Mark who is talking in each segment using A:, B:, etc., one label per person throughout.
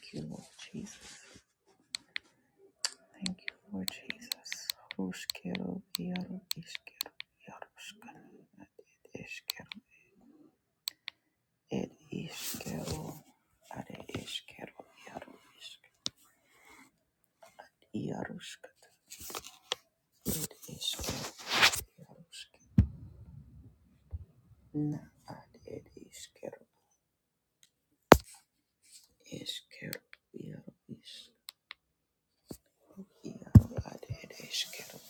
A: Thank you, Lord Jesus. Thank you, Lord Jesus. Ruskero, Yaro, Iskero, Yaroskan, Ed Iskero, Ed Iskero, Are Iskero, Yaro, Isk, Yaroskat, Ed Iskero, Yarosk, Na, Ad Ed Iskero, Iskero, Yaro, Isk, Yaro, Ad Ed Iskero,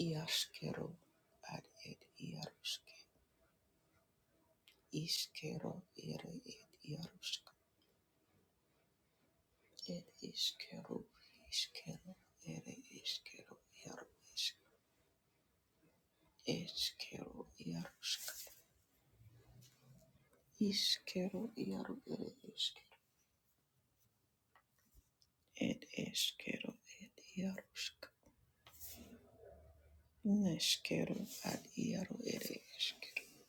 A: Yaskero, Ad Ed Yarosk, Iskero, Ere Ed Yarosk. Ed iskero, iskero, ere iskero, iaro, isk, iskero, iarusk, iskero, iaro, ere iskero, ed iskero, ed iarusk, neskero, ad iaro, ere iskero,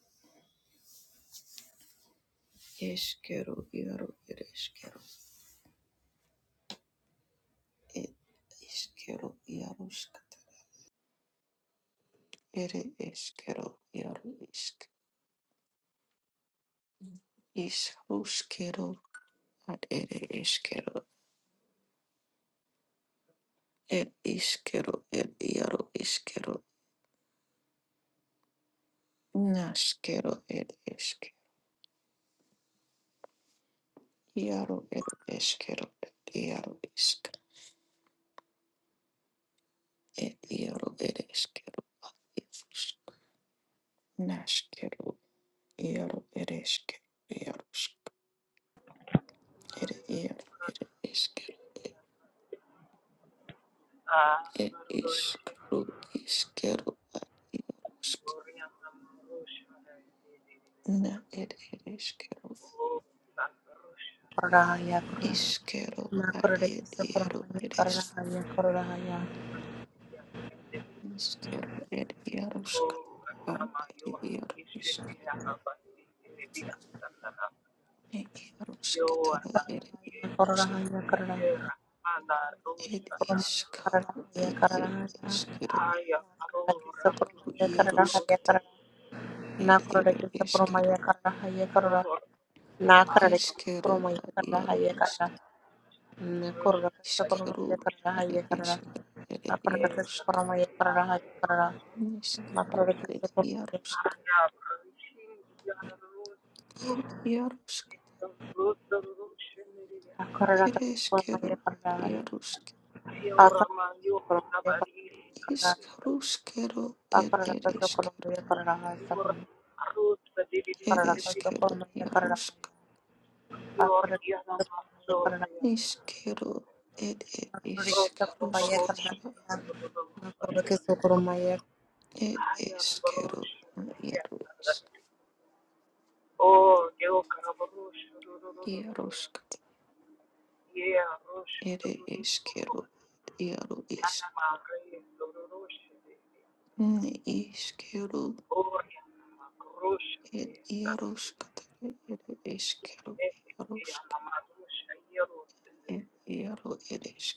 A: iskero, iaro, ere iskero, ed iskero, iarusk, ere iskero, iaru isk, iskero, ad ere iskero, Ed iskero, ed iaro iskero, naskero, ed isk, iaro, ed eskero, ed iaro isk, ed iaro, ed eskero, isk, naskero, iaro, ed eskero, iaro isk, ed iaro, ed eskero, ed ed iskro, iskero, ad iaro isk, na, ed ed eskero,
B: Korahaya korah,
A: iskero,
B: ma
A: ad
B: korah
A: ed
B: kisa
A: iaro,
B: korahaya
A: ed isk.
B: korahaya korahaya
A: Iskero ed iaroska ad ed iarosk ne iarosk tara ed
B: korahaya
A: iarosk
B: korahaya korah.
A: ed
B: Kisa
A: iskaro
B: korahaya korahaya
A: ed ed
B: korahaya,
A: iskero
B: ma korah kisa korahaya
A: iarosk
B: korahaya korah, na
A: ed ed
B: korah kisa
A: iskero
B: korahaya korahaya korah, na korah kisa
A: iskero
B: korahaya
A: ad
B: korahaya
A: iarosk
B: korah, na korah kisa korahaya korahaya korah, ma korah kisa korahaya korahaya korah, ma korah kisa
A: iskero ad
B: korahaya korah,
A: iskero ed iarosk iskero ed iarosk ed iarosk
B: ma korah
A: ed
B: kisa
A: iskero
B: korahaya
A: ad
B: korahaya.
A: iarosk
B: Afara Sokolomaya Karada
A: iskaroskero ed
B: Afara
A: ed iskero
B: Sokolomaya Karada Sokolom
A: It
B: Afara
A: is kero
B: Sokolomaya Karada
A: yarusk
B: Afara Sokolomaya Karada
A: is kero it it
B: Makuriki
A: is
B: Sokolomaya
A: karuskatara
B: Karada Makuriki
A: it is kero yarusk yarusk it is kero yarusk is kero it yaruskatara it is kero yarusk it yaru it is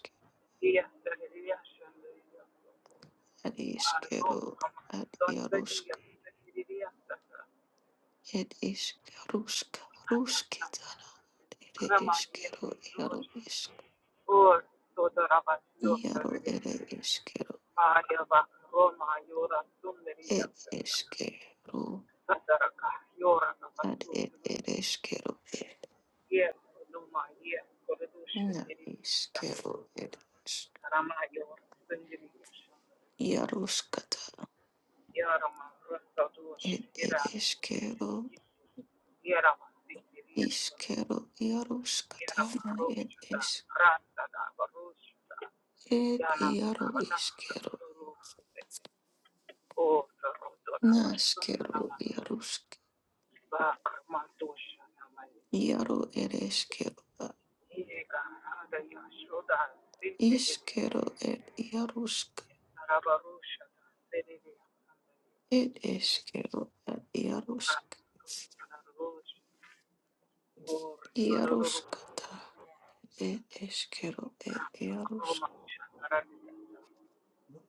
A: it is kero at yarusk it is karusk ruskitara it is kero yarusk Iaro ere eskero, ed eskero, ad ed ere eskero, ed na iskero ere eskero, ed es- iaruskata, ed ere eskero, iskero, iaruskata, na ed es, ed iaro iskero, na skero, iarusk, iaro ere eskero, a- iskero, ed iarusk, ed eskero, ad iarusk, iaruskata. Ed eskero, ed iarus,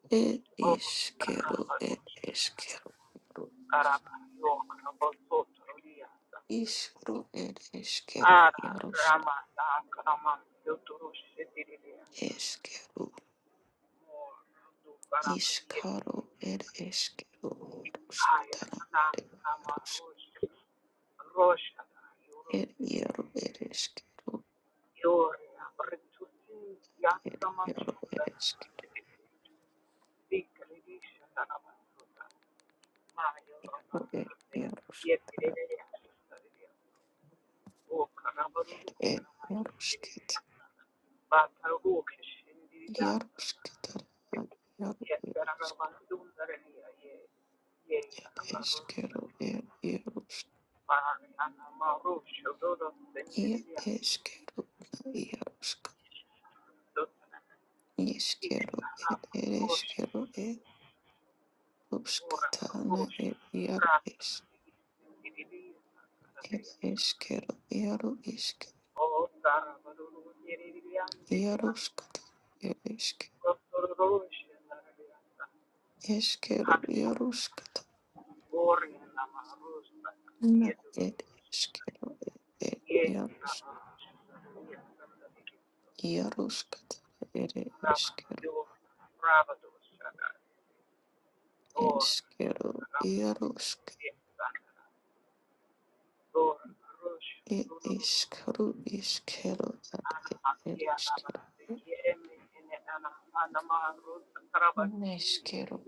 A: ed iskero, ed eskero, iaro, iskro, ed eskero, iarus, eskero, iskaro, ed eskero, iarus, tana, ed iarus, ed iaro, ed eskero, ed iaro, ed eskero, ed iarus, tana, ed iarus, ket, iarus, ketana, iaro, ed eskero, ed iarus, ir eškero, ieruška, iškero, ir ereškero, ieruškata, na ir ieru iš, ir eškero, Iaru išk, ieruškata, ir išk, eškero, ieruškata, na ir eškero, ir ieru, ieruškata, ir eškero, eškero, ierušk, ir iškaru, iškero, ar ir ereškero. Neškero,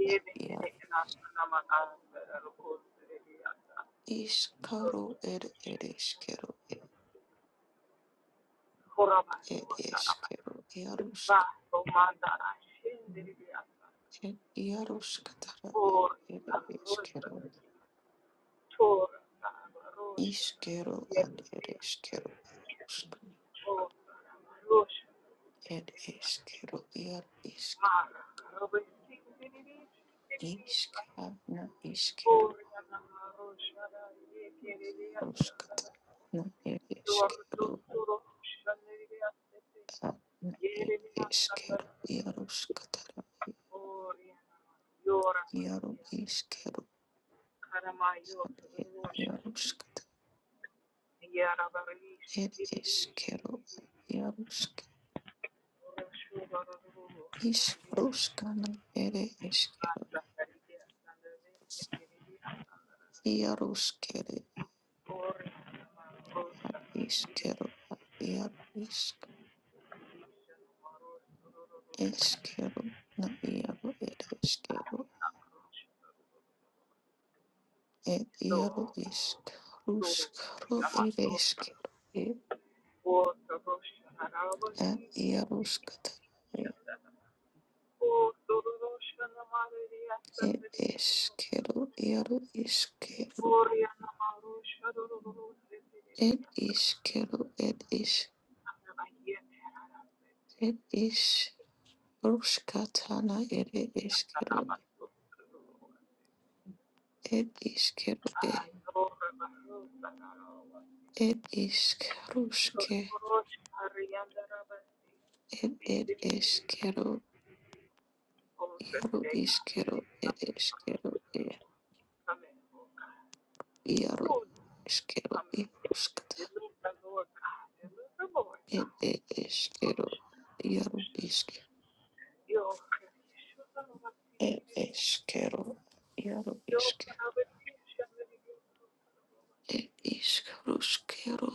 A: Iskaro ed edeskero ed edeskero iarusk ed iaruskatara ed edeskero iskero ad edeskero iarusk ed eskero iar isk iskana iskero iaruskatara na ed eskero ad na ed eskero iaruskatara iaru iskero ad ed iaruskatara ir išskyrų jarušk iš ruškana ir išskyrų jaruškiri ar išskyrų ar jarušk išskyrų na jaru ir išskyrų ir jaru išk ruškru ir išskyrų ir jaruškata ir išskyrų jaru išskyrų ir išskyrų ir iš ir iš Ruskatana ere eskero Ed iskero e. Ed isk ruske. Ed ed iskero. Iaro iskero. Ed iskero e. Iaro iskero iskata. Ed ed iskero. Iaro isk. Ed iskero. Iaro isk. Ed isk ruskero.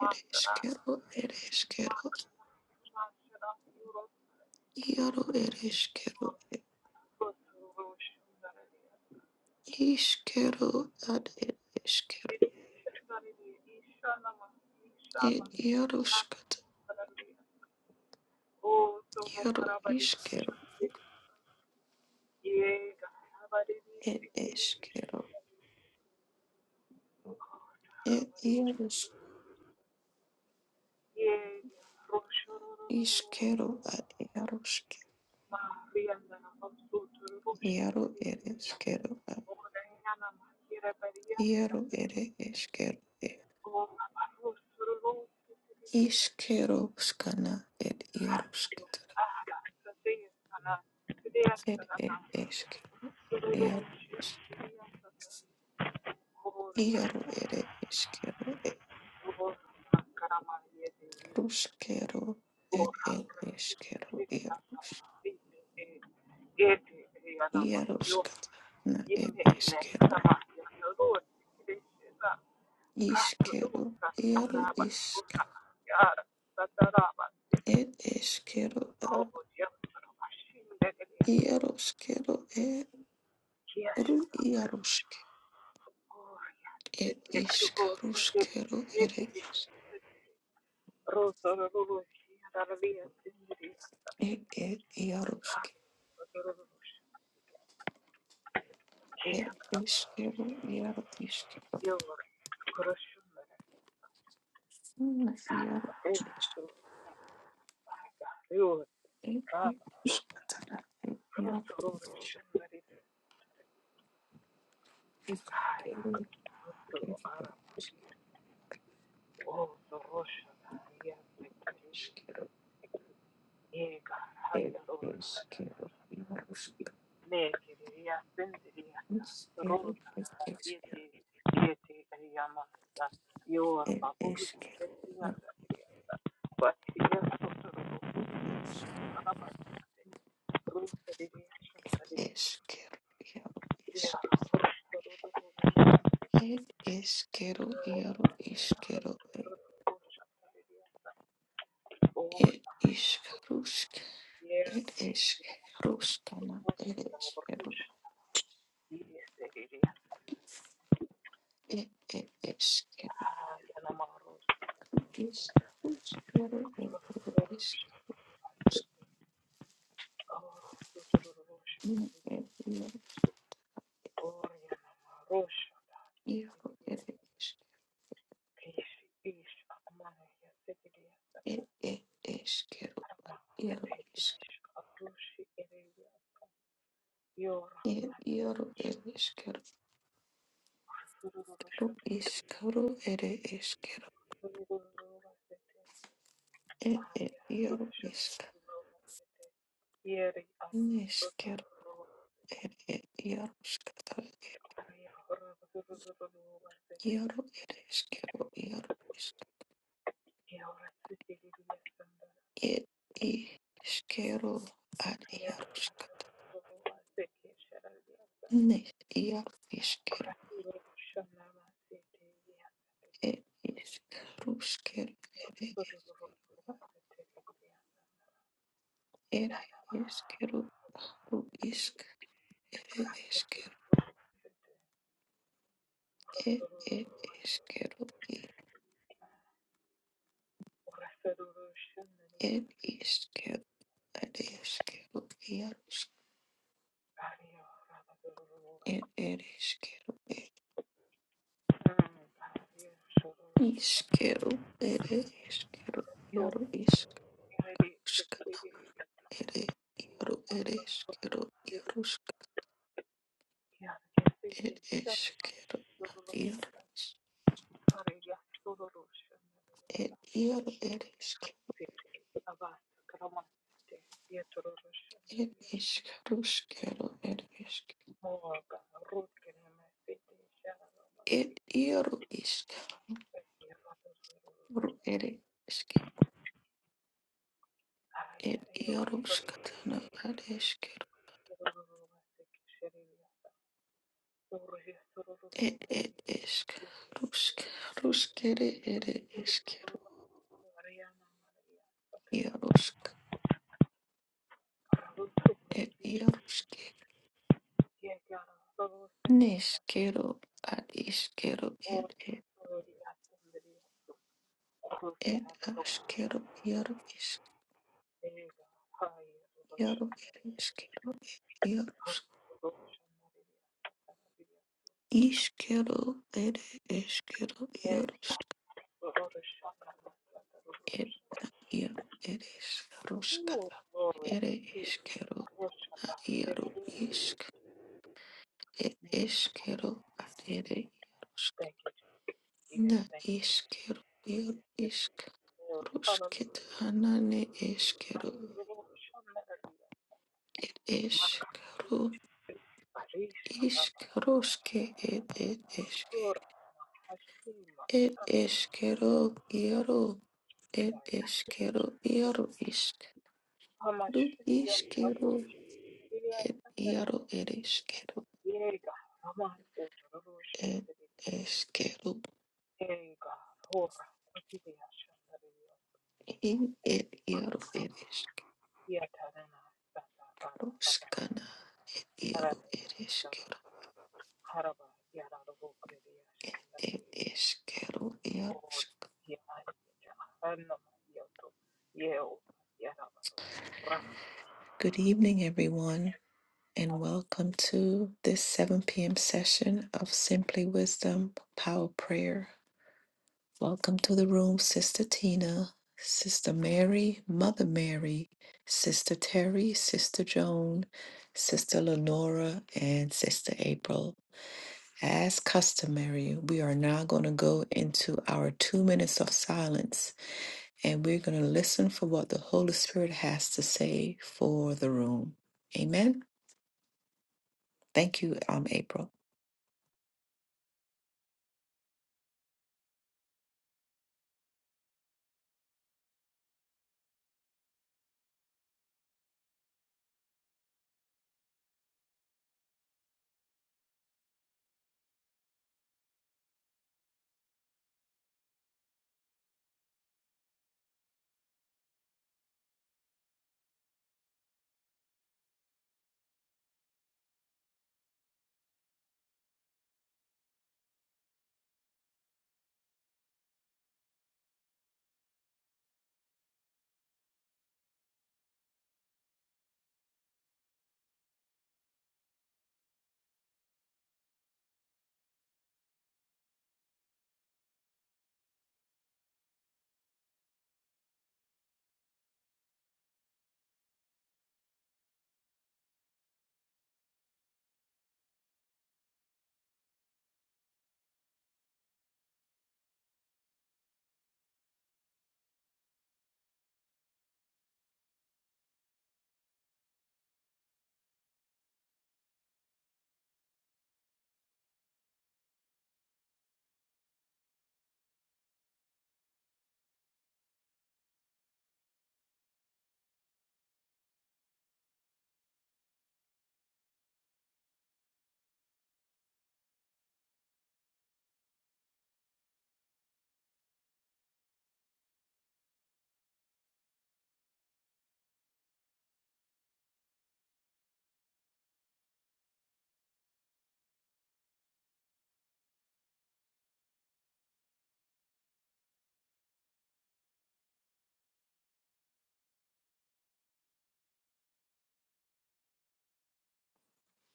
A: Ed iskero. Ed iskero. Iaro ed iskero. Iskero ad ed iskero. Ed iaro skat. Iero iškėliau ir iškėliau ir ierus iškėliau ar ierus ieru ir iškėliau ar ieru ir iškėliau ir iškėliau skana ir ierus ir iškėliau ir ieru ir iškėliau ir ruskėliau ir iškėliau ierus ierus skana ir iskero, iškėliau ieru Ed eskero a iaroskero e ru iaroske. Ed iskaruskero ere ed ed iaroske. Ed eskero iaro iske. Una iaro iske. Ed iaroskatana. Ed iaro iske. Ed kero ed eskero. Ed eskero iaroske. Iskero ed eskero. Ed eskero iaru iske. Eskero, iaro, isk, ed, eskero, iaro, iskero, ed, iskarusk, ed, eskaruskana, ed, eskero, ed, ed, eskero, iskaruskero, ed, ed, iskaruskana, ed, iaro, iaro, ed, isk, ed, ed, eskero, iaro, isk, ed, iaro, ed, eskero, iskaro, ed, eskero, ed, ed, iaro, isk, ir ir ieruškata ieru ir iškeru ieru išk ir iškeru ar ieruškata ne ieru iškeru ir iškeruškeru ir ir iškeru aru išk ir iškeru ir ir iškeru ir ir iškeru ar iškeru ierušk ir ir iškeru ir iškeru ir iškeru ieru Ishkana ere iaro ere iskero iarosk ere iskero iaros ere iaro ere isk ere iskaruskero ere isk ere iaro iskaru ere isk ere iaroskatana ere iskero ere ere isk rusk ruskere ere iskero iarosk ere iarosk neskero ad iskero ir aškero ir iškero ir iškero ir iškero ir iškero ir ir ir ir iškaruškata ir iškero ir išk ir iškero ir išk na iškero ir išk ruškita na ne iškero ir ruske iškaruške ir ir It is kero iaro. It is kero iaro isk. Ru iskero. It iaro it is kero. It is kero in it iaro it is kero. Skana iaro it is kero. It is kero iaro. Good evening, everyone, and welcome to this 7 p.m. session of Simply Wisdom Power Prayer. Welcome to the room, Sister Tina, Sister Mary, Mother Mary, Sister Terry, Sister Joan, Sister Lenora, and Sister April. As customary, we are now going to go into our two minutes of silence and we're going to listen for what the Holy Spirit has to say for the room. Amen. Thank you, um, April.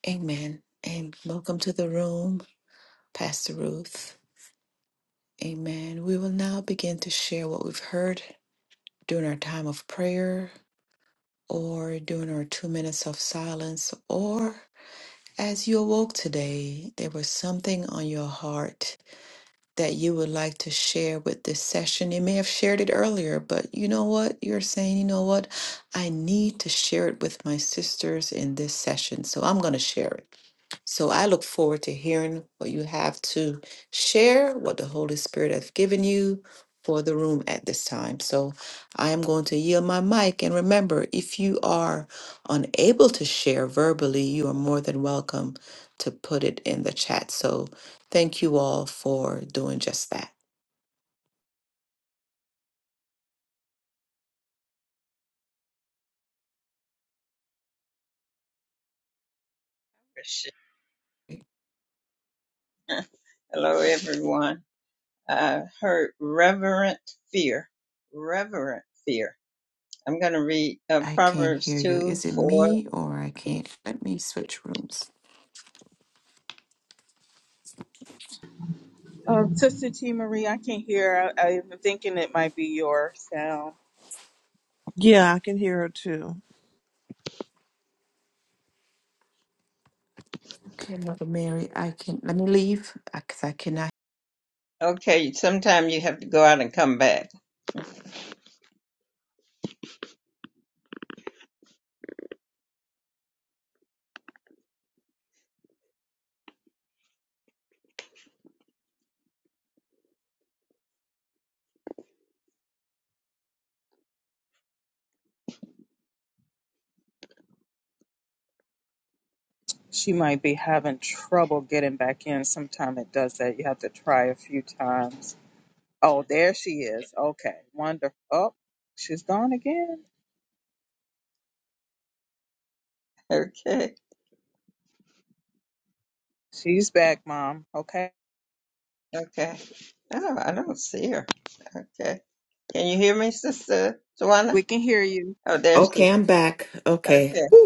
A: Amen. And welcome to the room, Pastor Ruth. Amen. We will now begin to share what we've heard during our time of prayer or during our two minutes of silence or as you awoke today, there was something on your heart that you would like to share with this session. You may have shared it earlier, but you know what? You're saying, you know what? I need to share it with my sisters in this session. So I'm going to share it. So I look forward to hearing what you have to share, what the Holy Spirit has given you for the room at this time. So I am going to yield my mic. And remember, if you are unable to share verbally, you are more than welcome to put it in the chat. So thank you all for doing just that.
C: Christian. Hello, everyone. I heard reverent fear. Reverent fear. I'm going to read uh,
A: I can't
C: Proverbs
A: hear you.
C: 2
A: Is it
C: 4.
A: me or I can't? Let me switch rooms.
D: Uh, Sister T Marie, I can't hear. I, I'm thinking it might be your sound.
E: Yeah, I can hear her too.
A: Okay, Mother Mary, I can. Let me leave because I cannot.
C: Okay, sometime you have to go out and come back.
D: She might be having trouble getting back in. Sometime it does that. You have to try a few times. Oh, there she is. Okay, wonderful. Oh, she's gone again.
C: Okay,
D: She's back, Mom. Okay,
C: okay. Oh, I don't see her. Okay. Can you hear me, Sister Tawana?
D: we can hear you.
C: Oh, there she is.
A: Okay, I'm back. Okay.
C: Okay.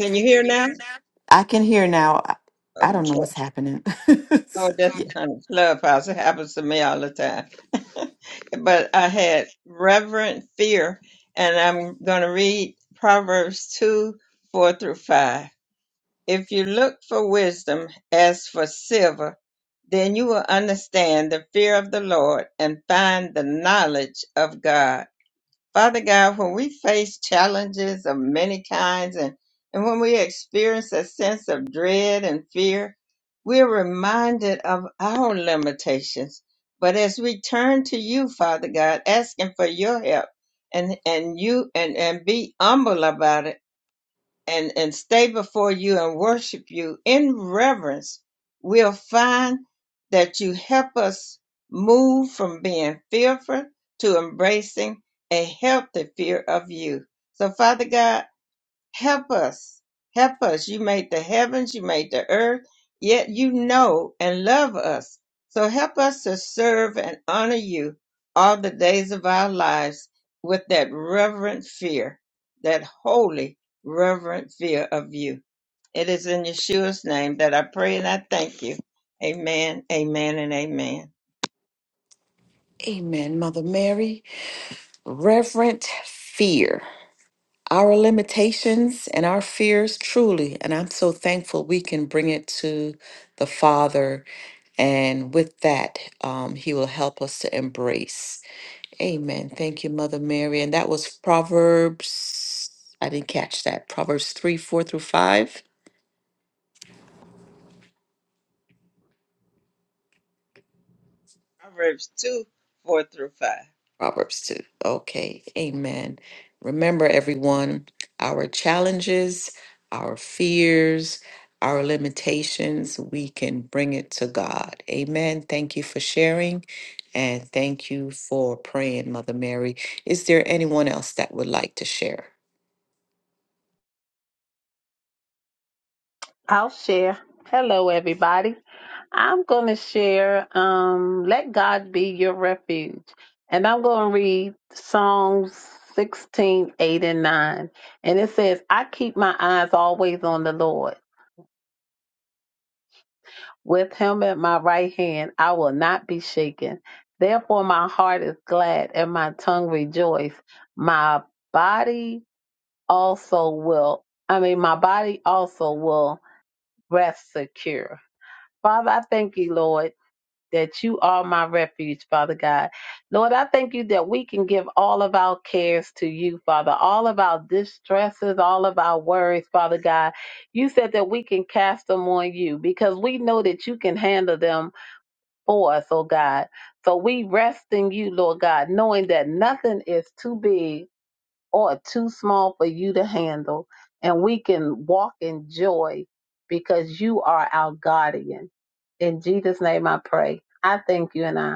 C: Can you hear
A: can you
C: now?
A: hear now? I can hear now. I, I don't know
C: Okay.
A: what's happening.
C: Oh, that's
A: Yeah.
C: not a clubhouse. It happens to me all the time. but I had reverent fear, and I'm going to read Proverbs 2 4 through 5. If you look for wisdom as for silver, then you will understand the fear of the Lord and find the knowledge of God. Father God, when we face challenges of many kinds and, and when we experience a sense of dread and fear, we're reminded of our limitations. But as we turn to you, Father God, asking for your help and, and you and, and be humble about it and, and stay before you and worship you in reverence, we'll find that you help us move from being fearful to embracing a healthy fear of you. So, Father God, Help us. Help us. You made the heavens, you made the earth, yet you know and love us. So help us to serve and honor you all the days of our lives with that reverent fear, that holy, reverent fear of you. It is in Yeshua's name that I pray and I thank you. Amen, amen, and amen.
A: Amen, Mother Mary. Reverent fear. Our limitations and our fears, truly. And I'm so thankful we can bring it to the Father. And with that, um, He will help us to embrace. Amen. Thank you, Mother Mary. And that was Proverbs, I didn't catch that. Proverbs 3 4 through 5.
C: Proverbs 2 4 through 5.
A: Proverbs 2. Okay, amen. Remember, everyone, our challenges, our fears, our limitations, we can bring it to God. Amen. Thank you for sharing and thank you for praying, Mother Mary. Is there anyone else that would like to share?
F: I'll share. Hello, everybody. I'm going to share um, Let God Be Your Refuge. And I'm going to read Psalms 16:8 and 9. And it says, I keep my eyes always on the Lord. With him at my right hand, I will not be shaken. Therefore, my heart is glad and my tongue rejoice. My body also will, I mean, my body also will rest secure. Father, I thank you, Lord that you are my refuge, Father God. Lord, I thank you that we can give all of our cares to you, Father, all of our distresses, all of our worries, Father God. You said that we can cast them on you because we know that you can handle them for us, oh God. So we rest in you, Lord God, knowing that nothing is too big or too small for you to handle. And we can walk in joy because you are our guardian. In Jesus' name I pray. I thank you and I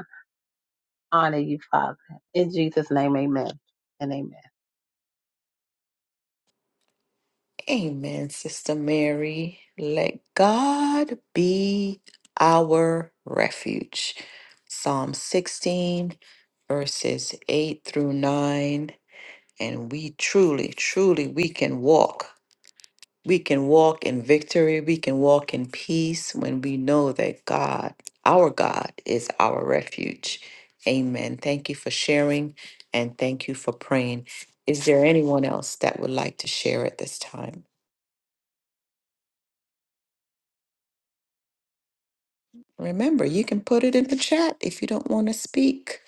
F: honor you, Father. In Jesus' name, amen and amen.
A: Amen, Sister Mary. Let God be our refuge. Psalm 16, verses 8 through 9. And we truly, truly, we can walk. We can walk in victory. We can walk in peace when we know that God, our God, is our refuge. Amen. Thank you for sharing and thank you for praying. Is there anyone else that would like to share at this time? Remember, you can put it in the chat if you don't want to speak.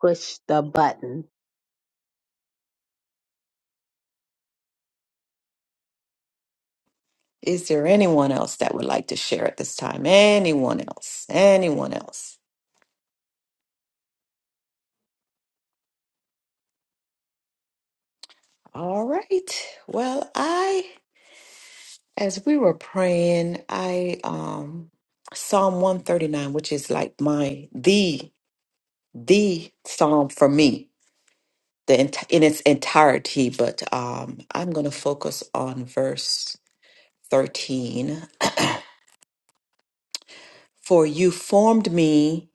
F: Push the button.
A: Is there anyone else that would like to share at this time? Anyone else? Anyone else? All right. Well, I as we were praying, I um Psalm 139, which is like my the the psalm for me, the ent- in its entirety, but um I'm going to focus on verse 13 For you formed me,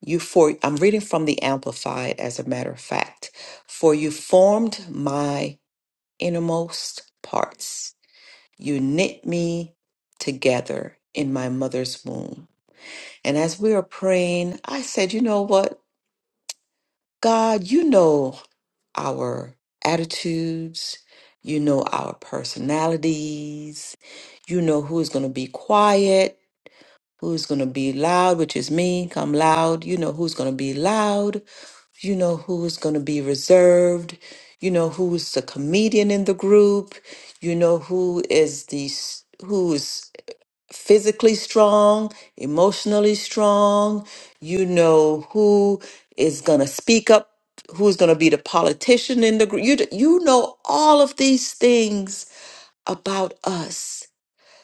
A: you for I'm reading from the Amplified as a matter of fact. For you formed my innermost parts. You knit me together in my mother's womb. And as we were praying, I said, you know what? God, you know our attitudes, you know our personalities, you know who is going to be quiet who's going to be loud, which is me, come loud. You know who's going to be loud. You know who's going to be reserved. You know who's the comedian in the group. You know who is the s- who's physically strong, emotionally strong. You know who is going to speak up, who's going to be the politician in the group. You d- you know all of these things about us.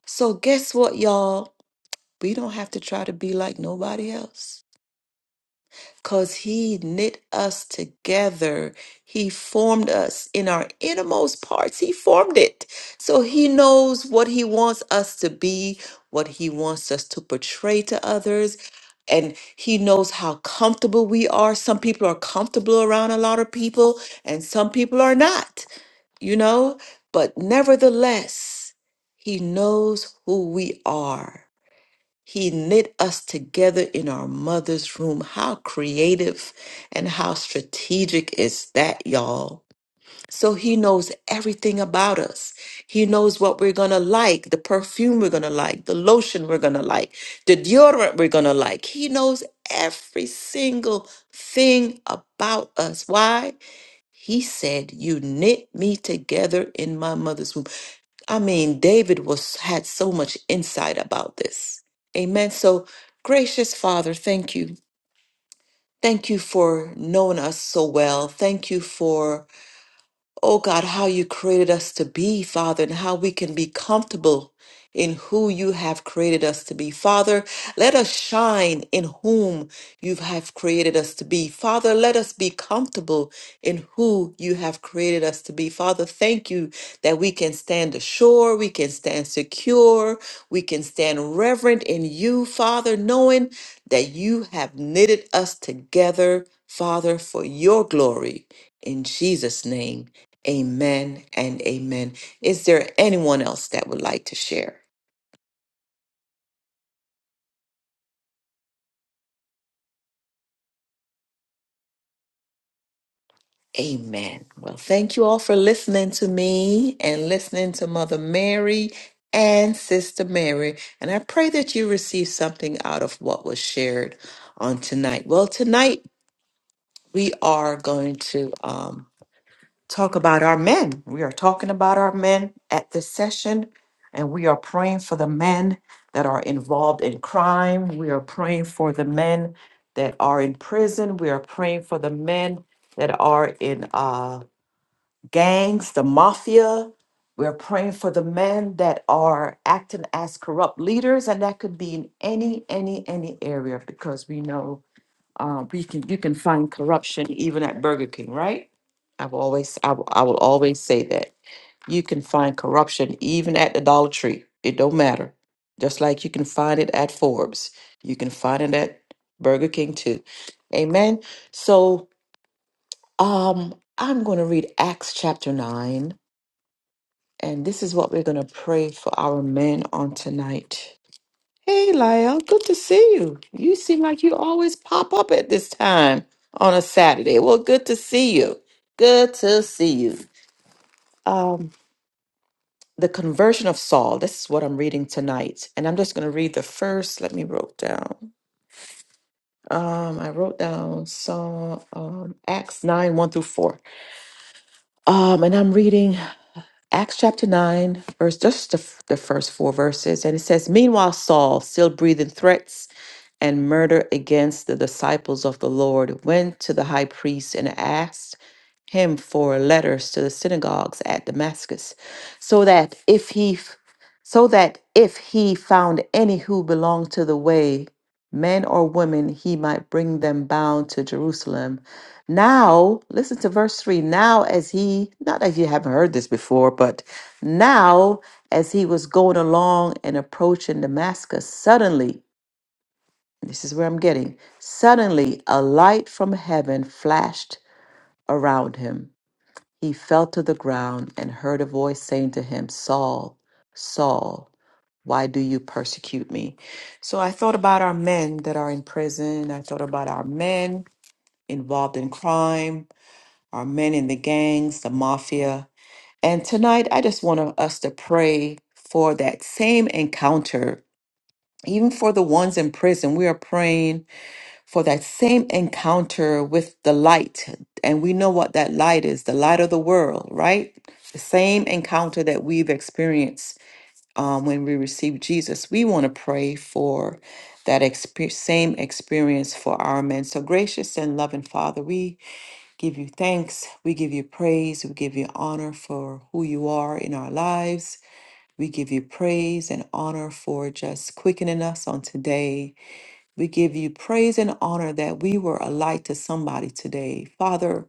A: So guess what y'all? We don't have to try to be like nobody else because He knit us together. He formed us in our innermost parts. He formed it. So He knows what He wants us to be, what He wants us to portray to others, and He knows how comfortable we are. Some people are comfortable around a lot of people, and some people are not, you know? But nevertheless, He knows who we are. He knit us together in our mother's room. How creative and how strategic is that, y'all? So he knows everything about us. He knows what we're going to like, the perfume we're going to like, the lotion we're going to like, the deodorant we're going to like. He knows every single thing about us. Why? He said, You knit me together in my mother's womb. I mean, David was had so much insight about this. Amen. So, gracious Father, thank you. Thank you for knowing us so well. Thank you for Oh God, how you created us to be, Father, and how we can be comfortable in who you have created us to be. Father, let us shine in whom you have created us to be. Father, let us be comfortable in who you have created us to be. Father, thank you that we can stand ashore, we can stand secure, we can stand reverent in you, Father, knowing that you have knitted us together, Father, for your glory. In Jesus' name. Amen and amen. Is there anyone else that would like to share? Amen. Well, thank you all for listening to me and listening to Mother Mary and Sister Mary. And I pray that you receive something out of what was shared on tonight. Well, tonight we are going to. Um, talk about our men. We are talking about our men at this session, and we are praying for the men that are involved in crime. We are praying for the men that are in prison. We are praying for the men that are in uh, gangs, the mafia. We're praying for the men that are acting as corrupt leaders, and that could be in any, any, any area because we know uh, we can you can find corruption even at Burger King, right? I've always I, will- I will always say that you can find corruption even at the Dollar Tree. It don't matter. Just like you can find it at Forbes, you can find it at Burger King too. Amen. So um, I'm going to read Acts chapter nine, and this is what we're going to pray for our men on tonight. Hey, Lyle, good to see you. You seem like you always pop up at this time on a Saturday. Well, good to see you. Good to see you. Um, the conversion of Saul. This is what I'm reading tonight, and I'm just going to read the first. Let me wrote down. Um, I wrote down Psalm um, Acts nine one through four. Um, and I'm reading Acts chapter nine, verse just the, the first four verses, and it says, "Meanwhile, Saul, still breathing threats." and murder against the disciples of the Lord, went to the high priest and asked him for letters to the synagogues at Damascus, so that if he so that if he found any who belonged to the way, men or women, he might bring them bound to Jerusalem. Now, listen to verse 3. Now, as he, not that you haven't heard this before, but now, as he was going along and approaching Damascus, suddenly this is where I'm getting. Suddenly, a light from heaven flashed around him. He fell to the ground and heard a voice saying to him, Saul, Saul, why do you persecute me? So I thought about our men that are in prison. I thought about our men involved in crime, our men in the gangs, the mafia. And tonight, I just want us to pray for that same encounter, even for the ones in prison. We are praying for that same encounter with the light. And we know what that light is the light of the world, right? The same encounter that we've experienced um, when we receive Jesus. We want to pray for that expe- same experience for our men. So, gracious and loving Father, we give you thanks, we give you praise, we give you honor for who you are in our lives. We give you praise and honor for just quickening us on today we give you praise and honor that we were a light to somebody today. Father,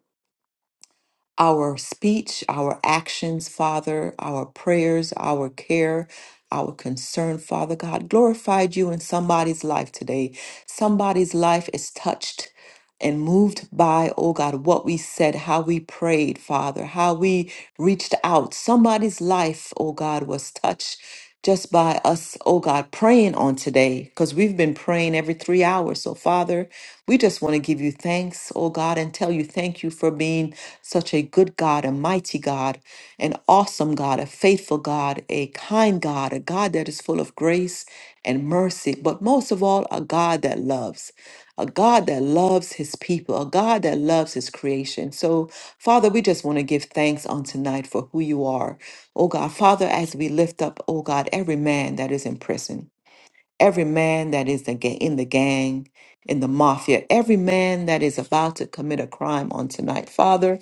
A: our speech, our actions, Father, our prayers, our care, our concern, Father God, glorified you in somebody's life today. Somebody's life is touched and moved by, oh God, what we said, how we prayed, Father, how we reached out. Somebody's life, oh God, was touched just by us, oh God, praying on today, because we've been praying every three hours. So, Father, we just want to give you thanks, oh God, and tell you thank you for being such a good God, a mighty God, an awesome God, a faithful God, a kind God, a God that is full of grace and mercy, but most of all, a God that loves a God that loves his people, a God that loves his creation. So, Father, we just want to give thanks on tonight for who you are. Oh God, Father, as we lift up, oh God, every man that is in prison, every man that is the ga- in the gang, in the mafia, every man that is about to commit a crime on tonight. Father,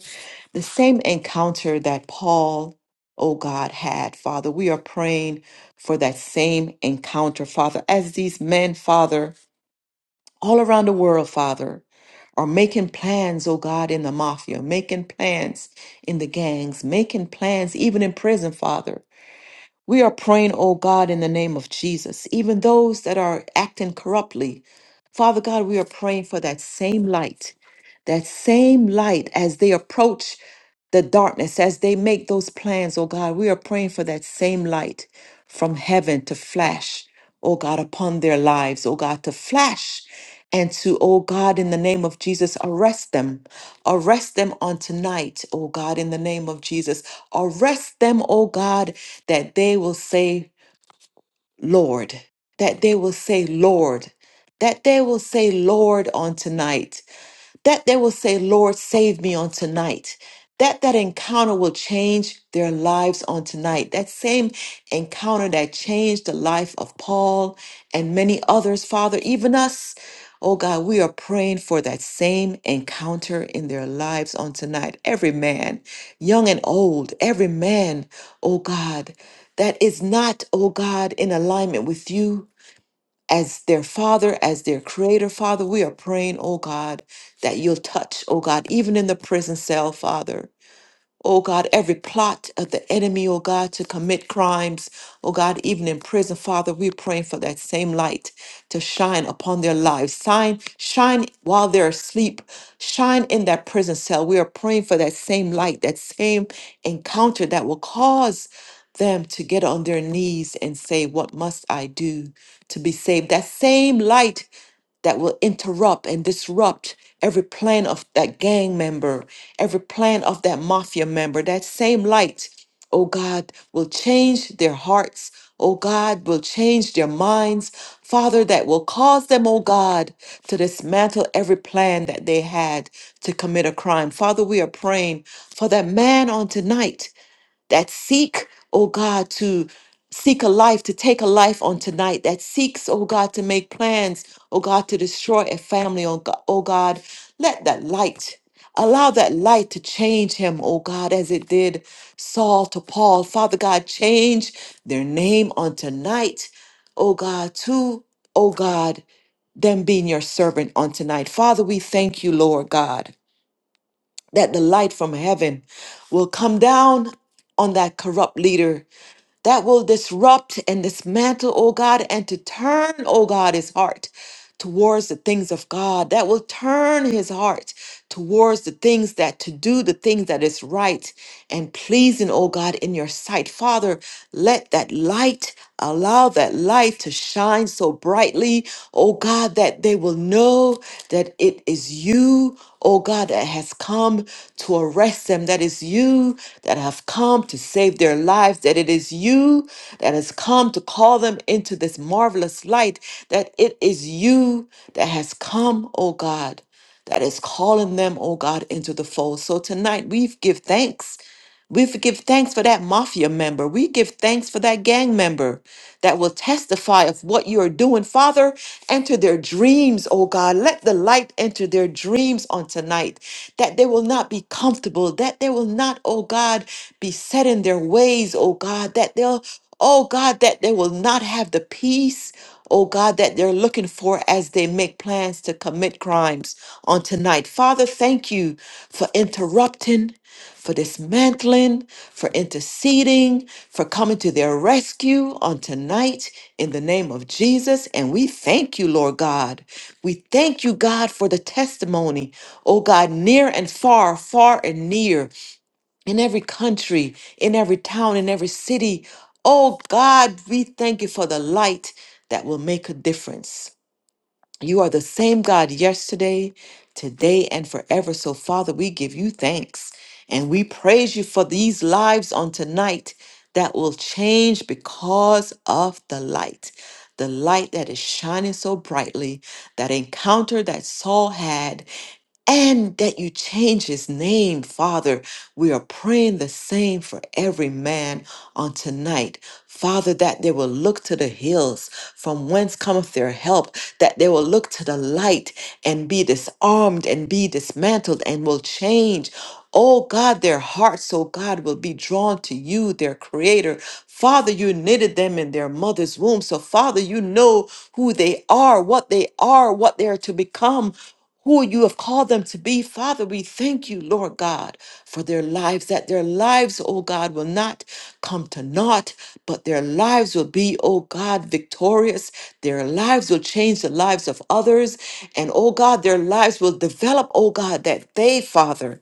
A: the same encounter that Paul Oh God, had Father, we are praying for that same encounter, Father, as these men, Father all around the world, Father, are making plans, oh God, in the mafia, making plans in the gangs, making plans even in prison, Father. We are praying, oh God, in the name of Jesus, even those that are acting corruptly. Father God, we are praying for that same light that same light as they approach the darkness, as they make those plans, oh God, we are praying for that same light from heaven to flash, oh God, upon their lives, oh God, to flash and to, oh God, in the name of Jesus, arrest them. Arrest them on tonight, oh God, in the name of Jesus. Arrest them, oh God, that they will say, Lord, that they will say, Lord, that they will say, Lord, on tonight that they will say, Lord, save me on tonight. That that encounter will change their lives on tonight. That same encounter that changed the life of Paul and many others, Father, even us. Oh God, we are praying for that same encounter in their lives on tonight. Every man, young and old, every man, oh God, that is not, oh God, in alignment with you as their father, as their creator, Father. We are praying, oh God, that you'll touch, oh God, even in the prison cell, Father. Oh God, every plot of the enemy, oh God, to commit crimes, oh God, even in prison, Father, we're praying for that same light to shine upon their lives. Shine, shine while they're asleep. Shine in that prison cell. We are praying for that same light, that same encounter that will cause them to get on their knees and say, What must I do to be saved? That same light that will interrupt and disrupt every plan of that gang member, every plan of that mafia member. That same light, oh God, will change their hearts. Oh God, will change their minds. Father, that will cause them, oh God, to dismantle every plan that they had to commit a crime. Father, we are praying for that man on tonight that seek, oh God, to seek a life, to take a life on tonight, that seeks, oh God, to make plans, oh God, to destroy a family, oh God, oh God. Let that light, allow that light to change him, oh God, as it did Saul to Paul. Father God, change their name on tonight, oh God, to, oh God, them being your servant on tonight. Father, we thank you, Lord God that the light from heaven will come down on that corrupt leader that will disrupt and dismantle, oh God, and to turn, oh God, his heart towards the things of God, that will turn his heart towards the things that to do the things that is right and pleasing, oh God, in your sight. Father, let that light, allow that light to shine so brightly, oh God, that they will know that it is you, oh God, that has come to arrest them, that is you that have come to save their lives, that it is you that has come to call them into this marvelous light, that it is you that has come, oh God, that is calling them, oh God, into the fold. So tonight we give thanks. We f- give thanks for that mafia member. We give thanks for that gang member that will testify of what you are doing. Father, enter their dreams, oh God. Let the light enter their dreams on tonight, that they will not be comfortable, that they will not, oh God, be set in their ways, oh God, that they'll, oh God, that they will not have the peace oh God, that they're looking for as they make plans to commit crimes on tonight. Father, thank you for interrupting, for dismantling, for interceding, for coming to their rescue on tonight in the name of Jesus. And we thank you, Lord God. We thank you, God, for the testimony, oh God, near and far, far and near in every country, in every town, in every city. Oh God, we thank you for the light that will make a difference. You are the same God yesterday, today, and forever. So, Father, we give you thanks and we praise you for these lives on tonight that will change because of the light. The light that is shining so brightly, that encounter that Saul had and that you change his name, Father. We are praying the same for every man on tonight. Father, that they will look to the hills from whence cometh their help, that they will look to the light and be disarmed and be dismantled and will change. Oh God, their hearts, oh God, will be drawn to you, their creator. Father, you knitted them in their mother's womb. So, Father, you know who they are, what they are, what they are to become who you have called them to be. Father, we thank you, Lord God, for their lives, that their lives, oh God, will not come to naught, but their lives will be, oh God, victorious. Their lives will change the lives of others. And, oh God, their lives will develop, oh God, that they, Father,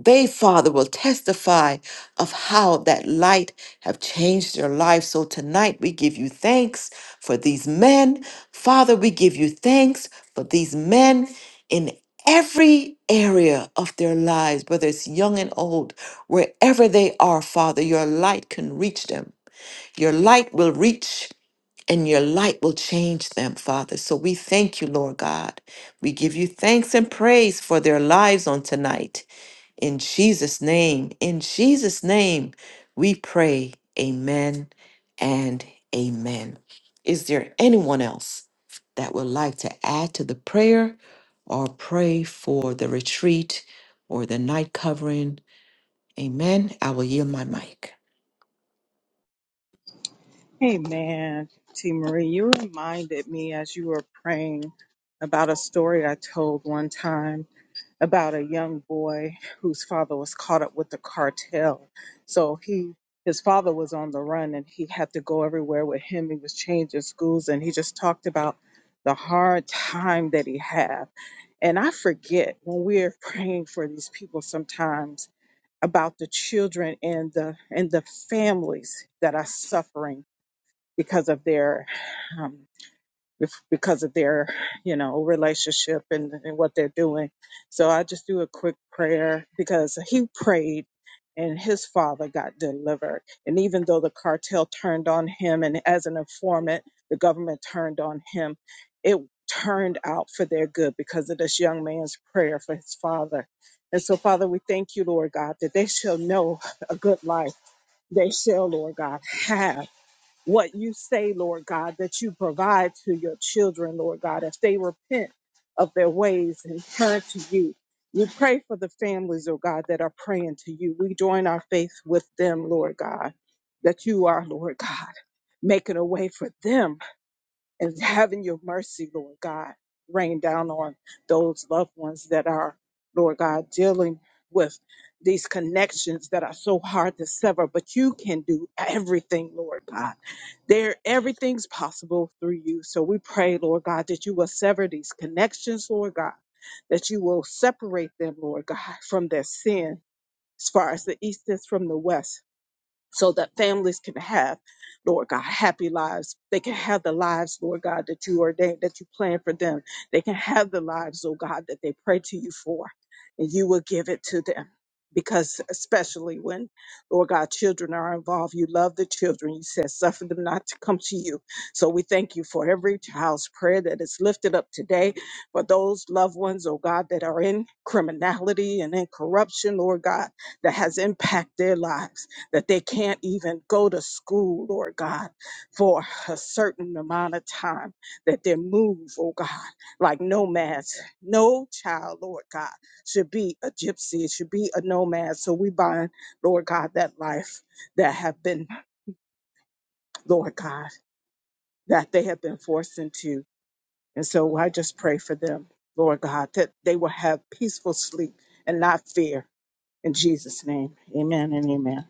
A: they, Father, will testify of how that light have changed their lives. So tonight we give you thanks for these men. Father, we give you thanks for these men in every area of their lives, whether it's young and old, wherever they are, Father, your light can reach them. Your light will reach and your light will change them, Father. So we thank you, Lord God. We give you thanks and praise for their lives on tonight. In Jesus' name, in Jesus' name, we pray. Amen and amen. Is there anyone else that would like to add to the prayer or pray for the retreat or the night covering? Amen. I will yield my mic.
D: Hey, man, T Marie, you reminded me as you were praying about a story I told one time about a young boy whose father was caught up with the cartel. So he his father was on the run and he had to go everywhere with him. He was changing schools and he just talked about the hard time that he had. And I forget when we're praying for these people sometimes about the children and the and the families that are suffering because of their um, bef- because of their, you know, relationship and, and what they're doing. So I just do a quick prayer because he prayed and his father got delivered. And even though the cartel turned on him and as an informant, the government turned on him, it turned out for their good because of this young man's prayer for his father. And so, Father, we thank you, Lord God, that they shall know a good life. They shall, Lord God, have what you say, Lord God, that you provide to your children, Lord God, if they repent of their ways and turn to you. We pray for the families, oh God, that are praying to you. We join our faith with them, Lord God, that you are, Lord God, making a way for them and having your mercy, Lord God, rain down on those loved ones that are, Lord God, dealing with these connections that are so hard to sever, but you can do everything, Lord God. There, everything's possible through you. So we pray, Lord God, that you will sever these connections, Lord God, that you will separate them, Lord God, from their sin as far as the east is from the west so that families can have, Lord God, happy lives. They can have the lives, Lord God, that you ordained, that you planned for them. They can have the lives, oh God, that they pray to you for, and you will give it to them. Because especially when, Lord God, children are involved, you love the children. You said, suffer them not to come to you. So we thank you for every child's prayer that is lifted up today for those loved ones, oh God, that are in criminality and in corruption, Lord God, that has impacted their lives that they can't even go to school, Lord God, for a certain amount of time, that they move, oh God, like nomads. No child, Lord God, should be a gypsy, should be a nomad. So we bind, Lord God, that life that have been, Lord God, that they have been forced into. And so I just pray for them, Lord God, that they will have peaceful sleep and not fear. In Jesus' name, amen and amen.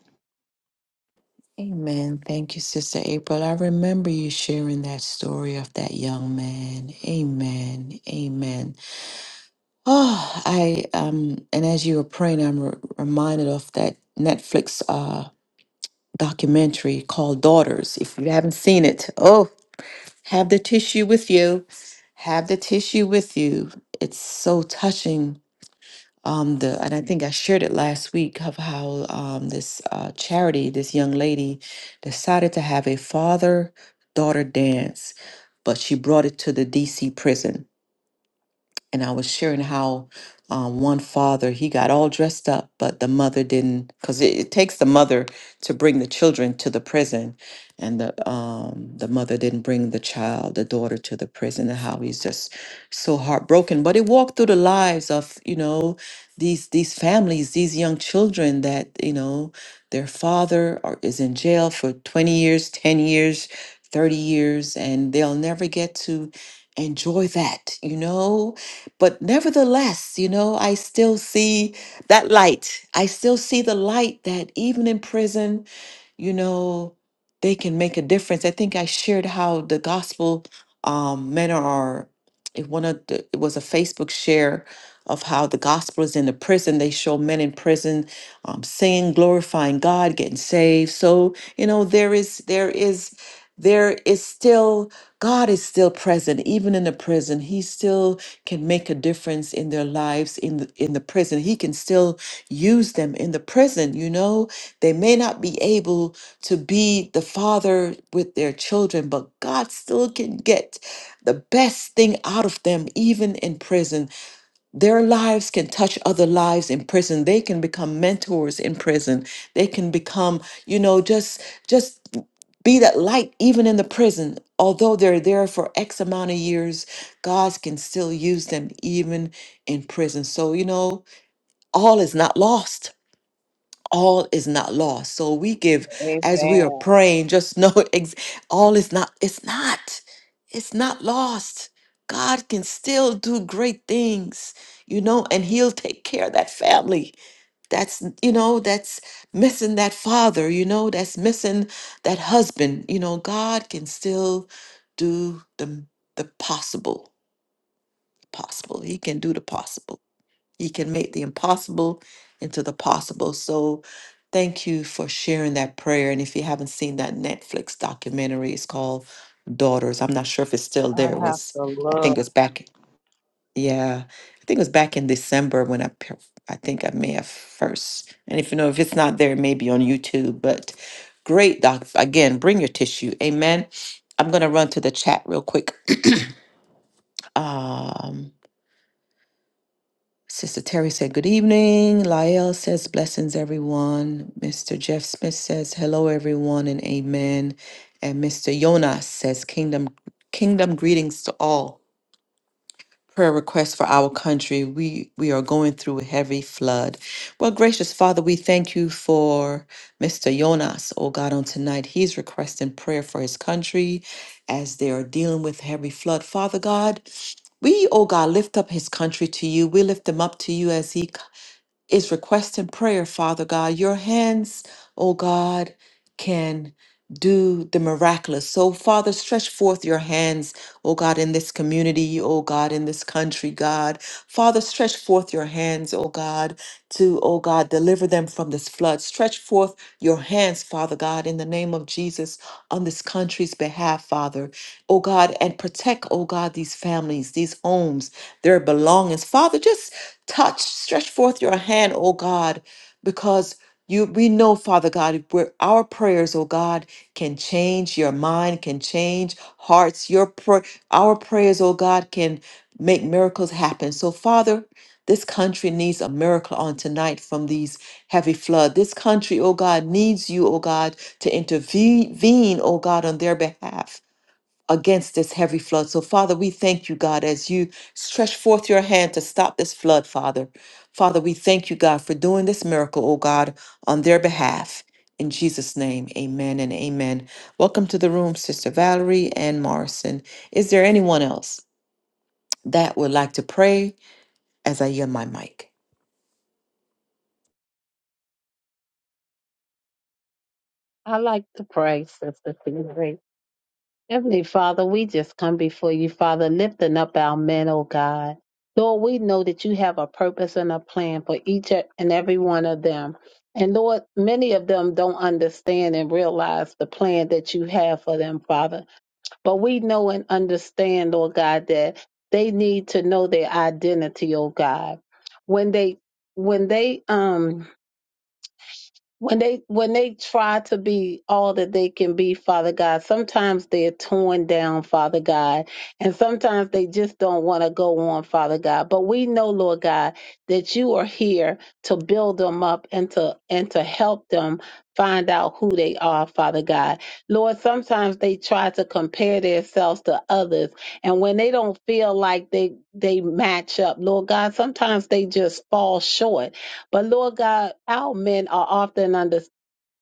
A: Amen. Thank you, Sister April. I remember you sharing that story of that young man. Amen. Amen. Oh, I um, and as you were praying, I'm re- reminded of that Netflix uh documentary called Daughters. If you haven't seen it, oh, have the tissue with you. Have the tissue with you. It's so touching. Um, the and I think I shared it last week of how um this uh charity, this young lady, decided to have a father-daughter dance, but she brought it to the DC prison and I was sharing how um, one father he got all dressed up, but the mother didn't, because it, it takes the mother to bring the children to the prison, and the um, the mother didn't bring the child, the daughter, to the prison, and how he's just so heartbroken. But it walked through the lives of you know these these families, these young children that you know their father are, is in jail for twenty years, ten years. 30 years and they'll never get to enjoy that you know but nevertheless, you know, I still see that light. I still see the light that even in prison, you know, they can make a difference. I think I shared how the gospel um, men are. It one of the, it was a Facebook share of how the gospel is in the prison. They show men in prison um, singing, glorifying God, getting saved. So you know there is there is there is still God is still present even in the prison. He still can make a difference in their lives in the, in the prison. He can still use them in the prison. You know, they may not be able to be the father with their children, but God still can get the best thing out of them, even in prison. Their lives can touch other lives in prison. They can become mentors in prison. They can become, you know, just, just be that light even in the prison. Although they're there for X amount of years, God can still use them even in prison. So, you know, all is not lost all is not lost. So we give as we are praying, just know ex- all is not, it's not, it's not lost. God can still do great things, you know, and He'll take care of that family. That's, you know, that's missing that father, you know, that's missing that husband. You know, God can still do the, the possible, possible. He can do the possible. He can make the impossible into the possible. So thank you for sharing that prayer. And if you haven't seen that Netflix documentary, it's called Daughters. I'm not sure if it's still
D: I
A: there. It
D: have
A: was
D: to
A: I
D: look.
A: think it was back yeah, I think it was back in December when I pe- I think I may have first. And if you know if it's not there, maybe on YouTube. But great doc again, bring your tissue. Amen. I'm gonna run to the chat real quick. Um Sister Terry said, Good evening. Lael says, Blessings, everyone. Mr. Jeff Smith says, Hello, everyone, and amen. And Mr. Jonas says, Kingdom kingdom greetings to all. Prayer request for our country. We we are going through a heavy flood. Well, gracious Father, we thank you for Mr. Jonas, oh God, on tonight. He's requesting prayer for his country as they are dealing with heavy flood. Father God, we, oh God, lift up his country to you. We lift him up to you as he is requesting prayer, Father God. Your hands, oh God, can do the miraculous. So, Father, stretch forth your hands, oh God, in this community, oh God, in this country, God. Father, stretch forth your hands, oh God, to, oh God, deliver them from this flood. Stretch forth your hands, Father God, in the name of Jesus, on this country's behalf, Father, oh God, and protect, oh God, these families, these homes, their belongings. Father, just Touch, stretch forth your hand, O God, because you we know, Father God, where our prayers, O God, can change your mind, can change hearts. Your pray, our prayers, O God, can make miracles happen. So, Father, this country needs a miracle on tonight from these heavy flood. This country, O God, needs you, O God, to intervene, O God, on their behalf against this heavy flood. So, Father, we thank you, God, as you stretch forth your hand to stop this flood, Father. Father, we thank you, God, for doing this miracle, oh God, on their behalf. In Jesus' name, amen and amen. Welcome to the room, Sister Valerie and Morrison. Is there anyone else that would like to pray as I yield my mic?
F: I like to pray, Sister T. Heavenly Father, we just come before you, Father, lifting up our men, oh God. Lord, we know that you have a purpose and a plan for each and every one of them. And Lord, many of them don't understand and realize the plan that you have for them, Father. But we know and understand, Lord God, that they need to know their identity, oh God. When they when they um when they when they try to be all that they can be father god sometimes they're torn down father god and sometimes they just don't want to go on father god but we know lord god that you are here to build them up and to and to help them find out who they are father god lord sometimes they try to compare themselves to others and when they don't feel like they they match up lord god sometimes they just fall short but Lord God, our men are often under.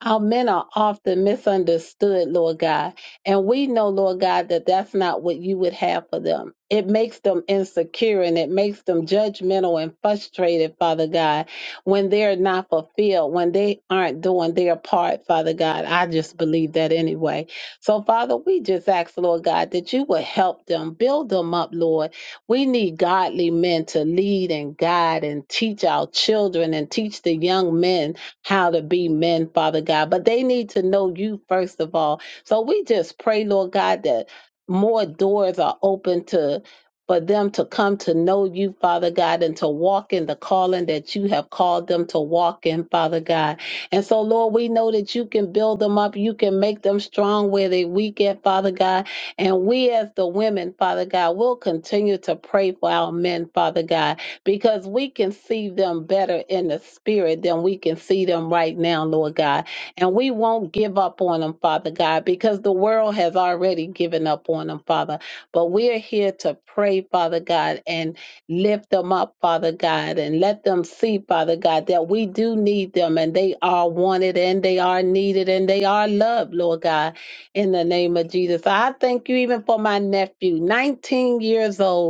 F: Our men are often misunderstood, Lord God. And we know, Lord God, that that's not what you would have for them. It makes them insecure and it makes them judgmental and frustrated, Father God, when they're not fulfilled, when they aren't doing their part, Father God. I just believe that anyway. So, Father, we just ask, Lord God, that you would help them, build them up, Lord. We need godly men to lead and guide and teach our children and teach the young men how to be men, Father God. But they need to know you first of all. So we just pray, Lord God, that more doors are open to for them to come to know you, Father God, and to walk in the calling that you have called them to walk in, Father God. And so, Lord, we know that you can build them up. You can make them strong where they weak at, Father God. And we as the women, Father God, will continue to pray for our men, Father God because we can see them better in the spirit than we can see them right now, Lord God. And we won't give up on them, Father God, because the world has already given up on them, Father. But we're here to pray, Father God, and lift them up, Father God, and let them see, Father God, that we do need them and they are wanted and they are needed and they are loved, Lord God, in the name of Jesus. I thank you even for my nephew, 19 years old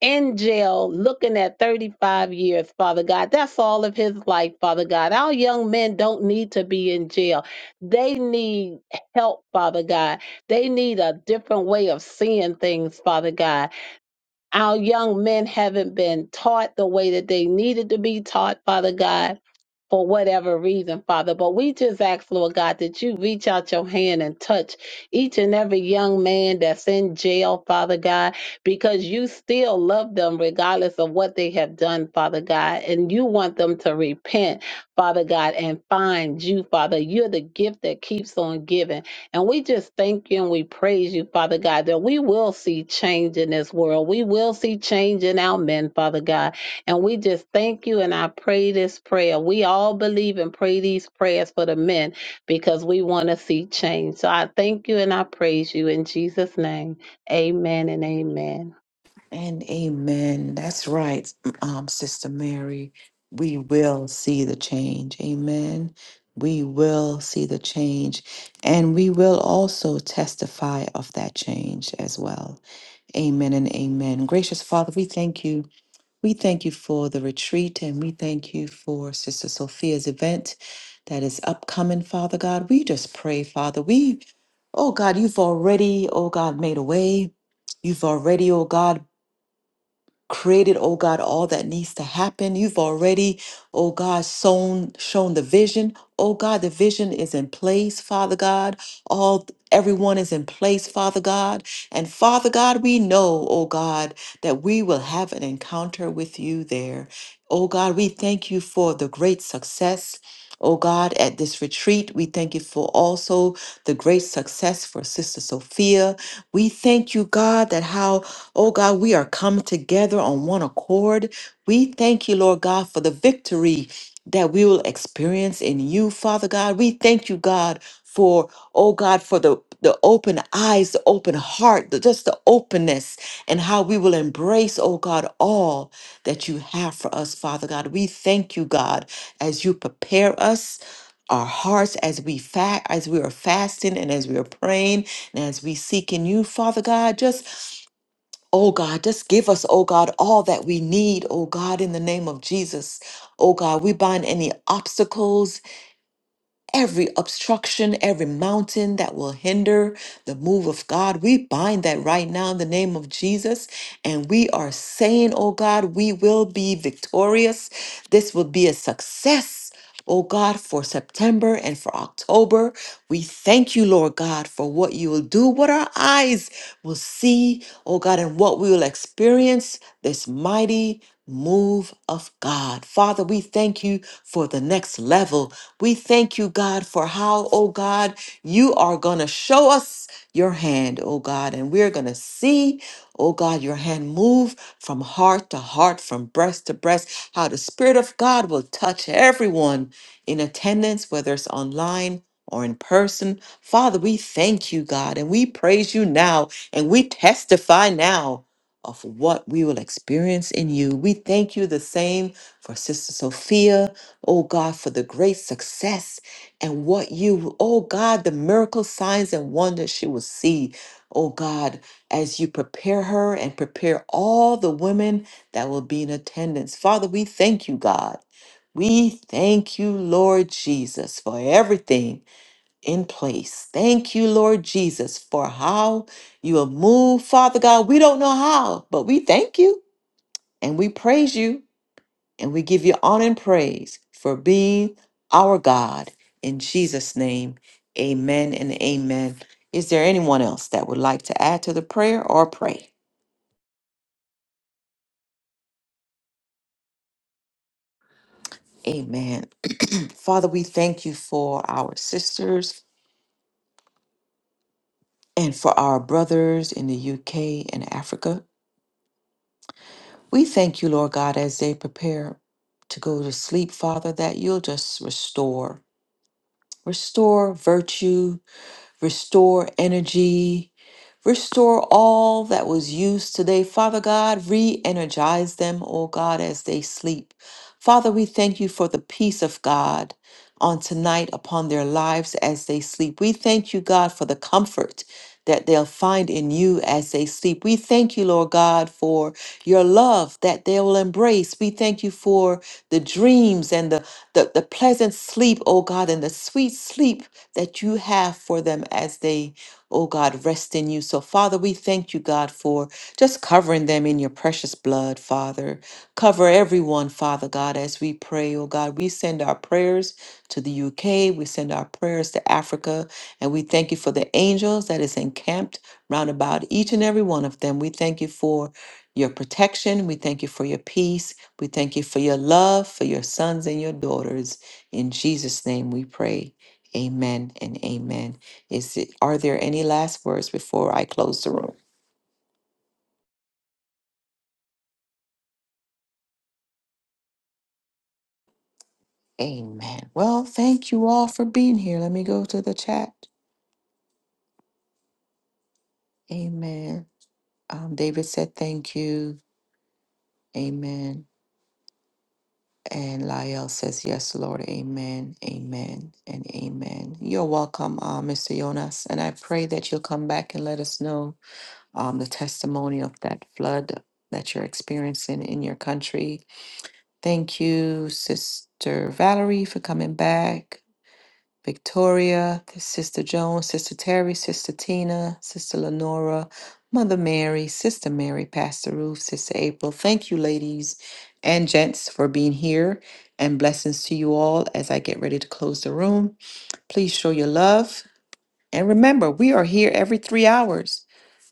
F: in jail looking at 35 years, Father God. That's all of his life, Father God. Our young men don't need to be in jail. They need help, Father God. They need a different way of seeing things, Father God. Our young men haven't been taught the way that they needed to be taught, Father God, for whatever reason, Father. But we just ask, Lord God, that you reach out your hand and touch each and every young man that's in jail, Father God, because you still love them regardless of what they have done, Father God. And you want them to repent, Father God, and find you, Father. You're the gift that keeps on giving. And we just thank you and we praise you, Father God, that we will see change in this world. We will see change in our men, Father God. And we just thank you and I pray this prayer. We all believe and pray these prayers for the men because we want to see change. So I thank you and I praise you in Jesus' name. Amen and amen.
A: And amen. That's right, um, Sister Mary. We will see the change. Amen. We will see the change. And we will also testify of that change as well. Amen and amen. Gracious Father, we thank you. We thank you for the retreat and we thank you for Sister Sophia's event that is upcoming, Father God. We just pray, Father. We, oh God, you've already, oh God, made a way. You've already, oh God, created, oh God, all that needs to happen. You've already, oh God, sown, shown the vision. Oh God, the vision is in place, Father God. All everyone is in place, Father God. And Father God, we know, oh God, that we will have an encounter with you there. Oh God, we thank you for the great success. Oh God, at this retreat, we thank you for also the great success for Sister Sophia. We thank you, God, that how Oh God, we are come together on one accord. We thank you, Lord God, for the victory that we will experience in you, Father God. We thank you, God, for, oh God, for the, the open eyes, the open heart, the, just the openness, and how we will embrace, oh God, all that you have for us, Father God. We thank you, God, as you prepare us. Our hearts as we fast, as we are fasting and as we are praying and as we seek in you, Father God, just Oh God, just give us, oh God, all that we need, oh God, in the name of Jesus. Oh God, we bind any obstacles every obstruction, every mountain that will hinder the move of God. We bind that right now in the name of Jesus. And we are saying, oh God, we will be victorious. This will be a success. Oh God, for September and for October, we thank you, Lord God, for what you will do, what our eyes will see, oh God, and what we will experience this mighty move of God. Father, we thank you for the next level. We thank you, God, for how, oh God, you are going to show us your hand, oh God, and we're going to see, oh God, your hand move from heart to heart, from breast to breast, how the Spirit of God will touch everyone in attendance, whether it's online or in person. Father, we thank you, God, and we praise you now, and we testify now of what we will experience in you. We thank you the same for Sister Sophia oh God, for the great success and what you, oh God, the miracle signs and wonders she will see, oh God, as you prepare her and prepare all the women that will be in attendance. Father, we thank you, God. We thank you, Lord Jesus, for everything in place. Thank you, Lord Jesus, for how you have moved. Father God, we don't know how, but we thank you and we praise you. And we give you honor and praise for being our God. In Jesus' name, amen and amen. Is there anyone else that would like to add to the prayer or pray? Amen. Father, we thank you for our sisters and for our brothers in the UK and Africa. We thank you, Lord God, as they prepare to go to sleep, Father, that you'll just restore, restore virtue, restore energy, restore all that was used today. Father God, re energize them, O God, as they sleep. Father, we thank you for the peace of God on tonight upon their lives as they sleep. We thank you, God, for the comfort that they'll find in you as they sleep. We thank you, Lord God, for your love that they will embrace. We thank you for the dreams and the, the, the pleasant sleep, oh God, and the sweet sleep that you have for them as they, oh God, rest in you. So, Father, we thank you, God, for just covering them in your precious blood, Father. Cover everyone, Father God, as we pray, oh God. We send our prayers to the UK, we send our prayers to Africa, and we thank you for the angels that is encamped round about each and every one of them. We thank you for your protection. We thank you for your peace. We thank you for your love for your sons and your daughters. In Jesus' name we pray. Amen and amen. Is it are there any last words before I close the room? Amen. Well, thank you all for being here. Let me go to the chat. Amen. Um, David said thank you. Amen. And Lyell says yes, Lord. Amen. Amen and amen. You're welcome, uh, Mr. Jonas. And I pray that you'll come back and let us know um, the testimony of that flood that you're experiencing in your country Thank you, Sister Valerie, for coming back. Victoria, Sister Jones, Sister Terry, Sister Tina, Sister Lenora, Mother Mary, Sister Mary, Pastor Ruth, Sister April. Thank you, ladies and gents, for being here. And blessings to you all as I get ready to close the room. Please show your love. And remember, we are here every three hours.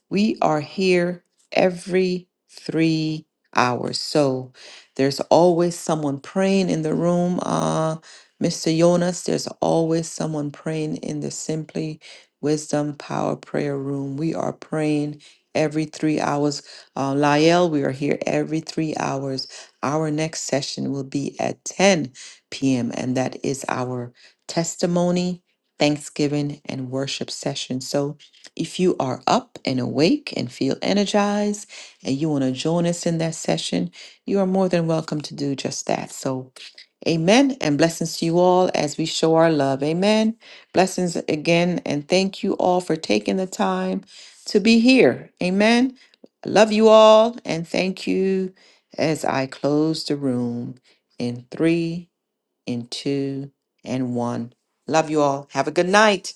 A: We are here every three hours. So there's always someone praying in the room. Uh, Mr. Jonas, there's always someone praying in the Simply Wisdom Power Prayer Room. We are praying every three hours. Uh, Lyell, we are here every three hours. Our next session will be at 10 p.m., and that is our testimony, thanksgiving, and worship session. So if you are up and awake and feel energized and you want to join us in that session, you are more than welcome to do just that. So, amen and blessings to you all as we show our love. Amen. Blessings again and thank you all for taking the time to be here. Amen. I love you all and thank you as I close the room in three, in two, and one. Love you all. Have a good night.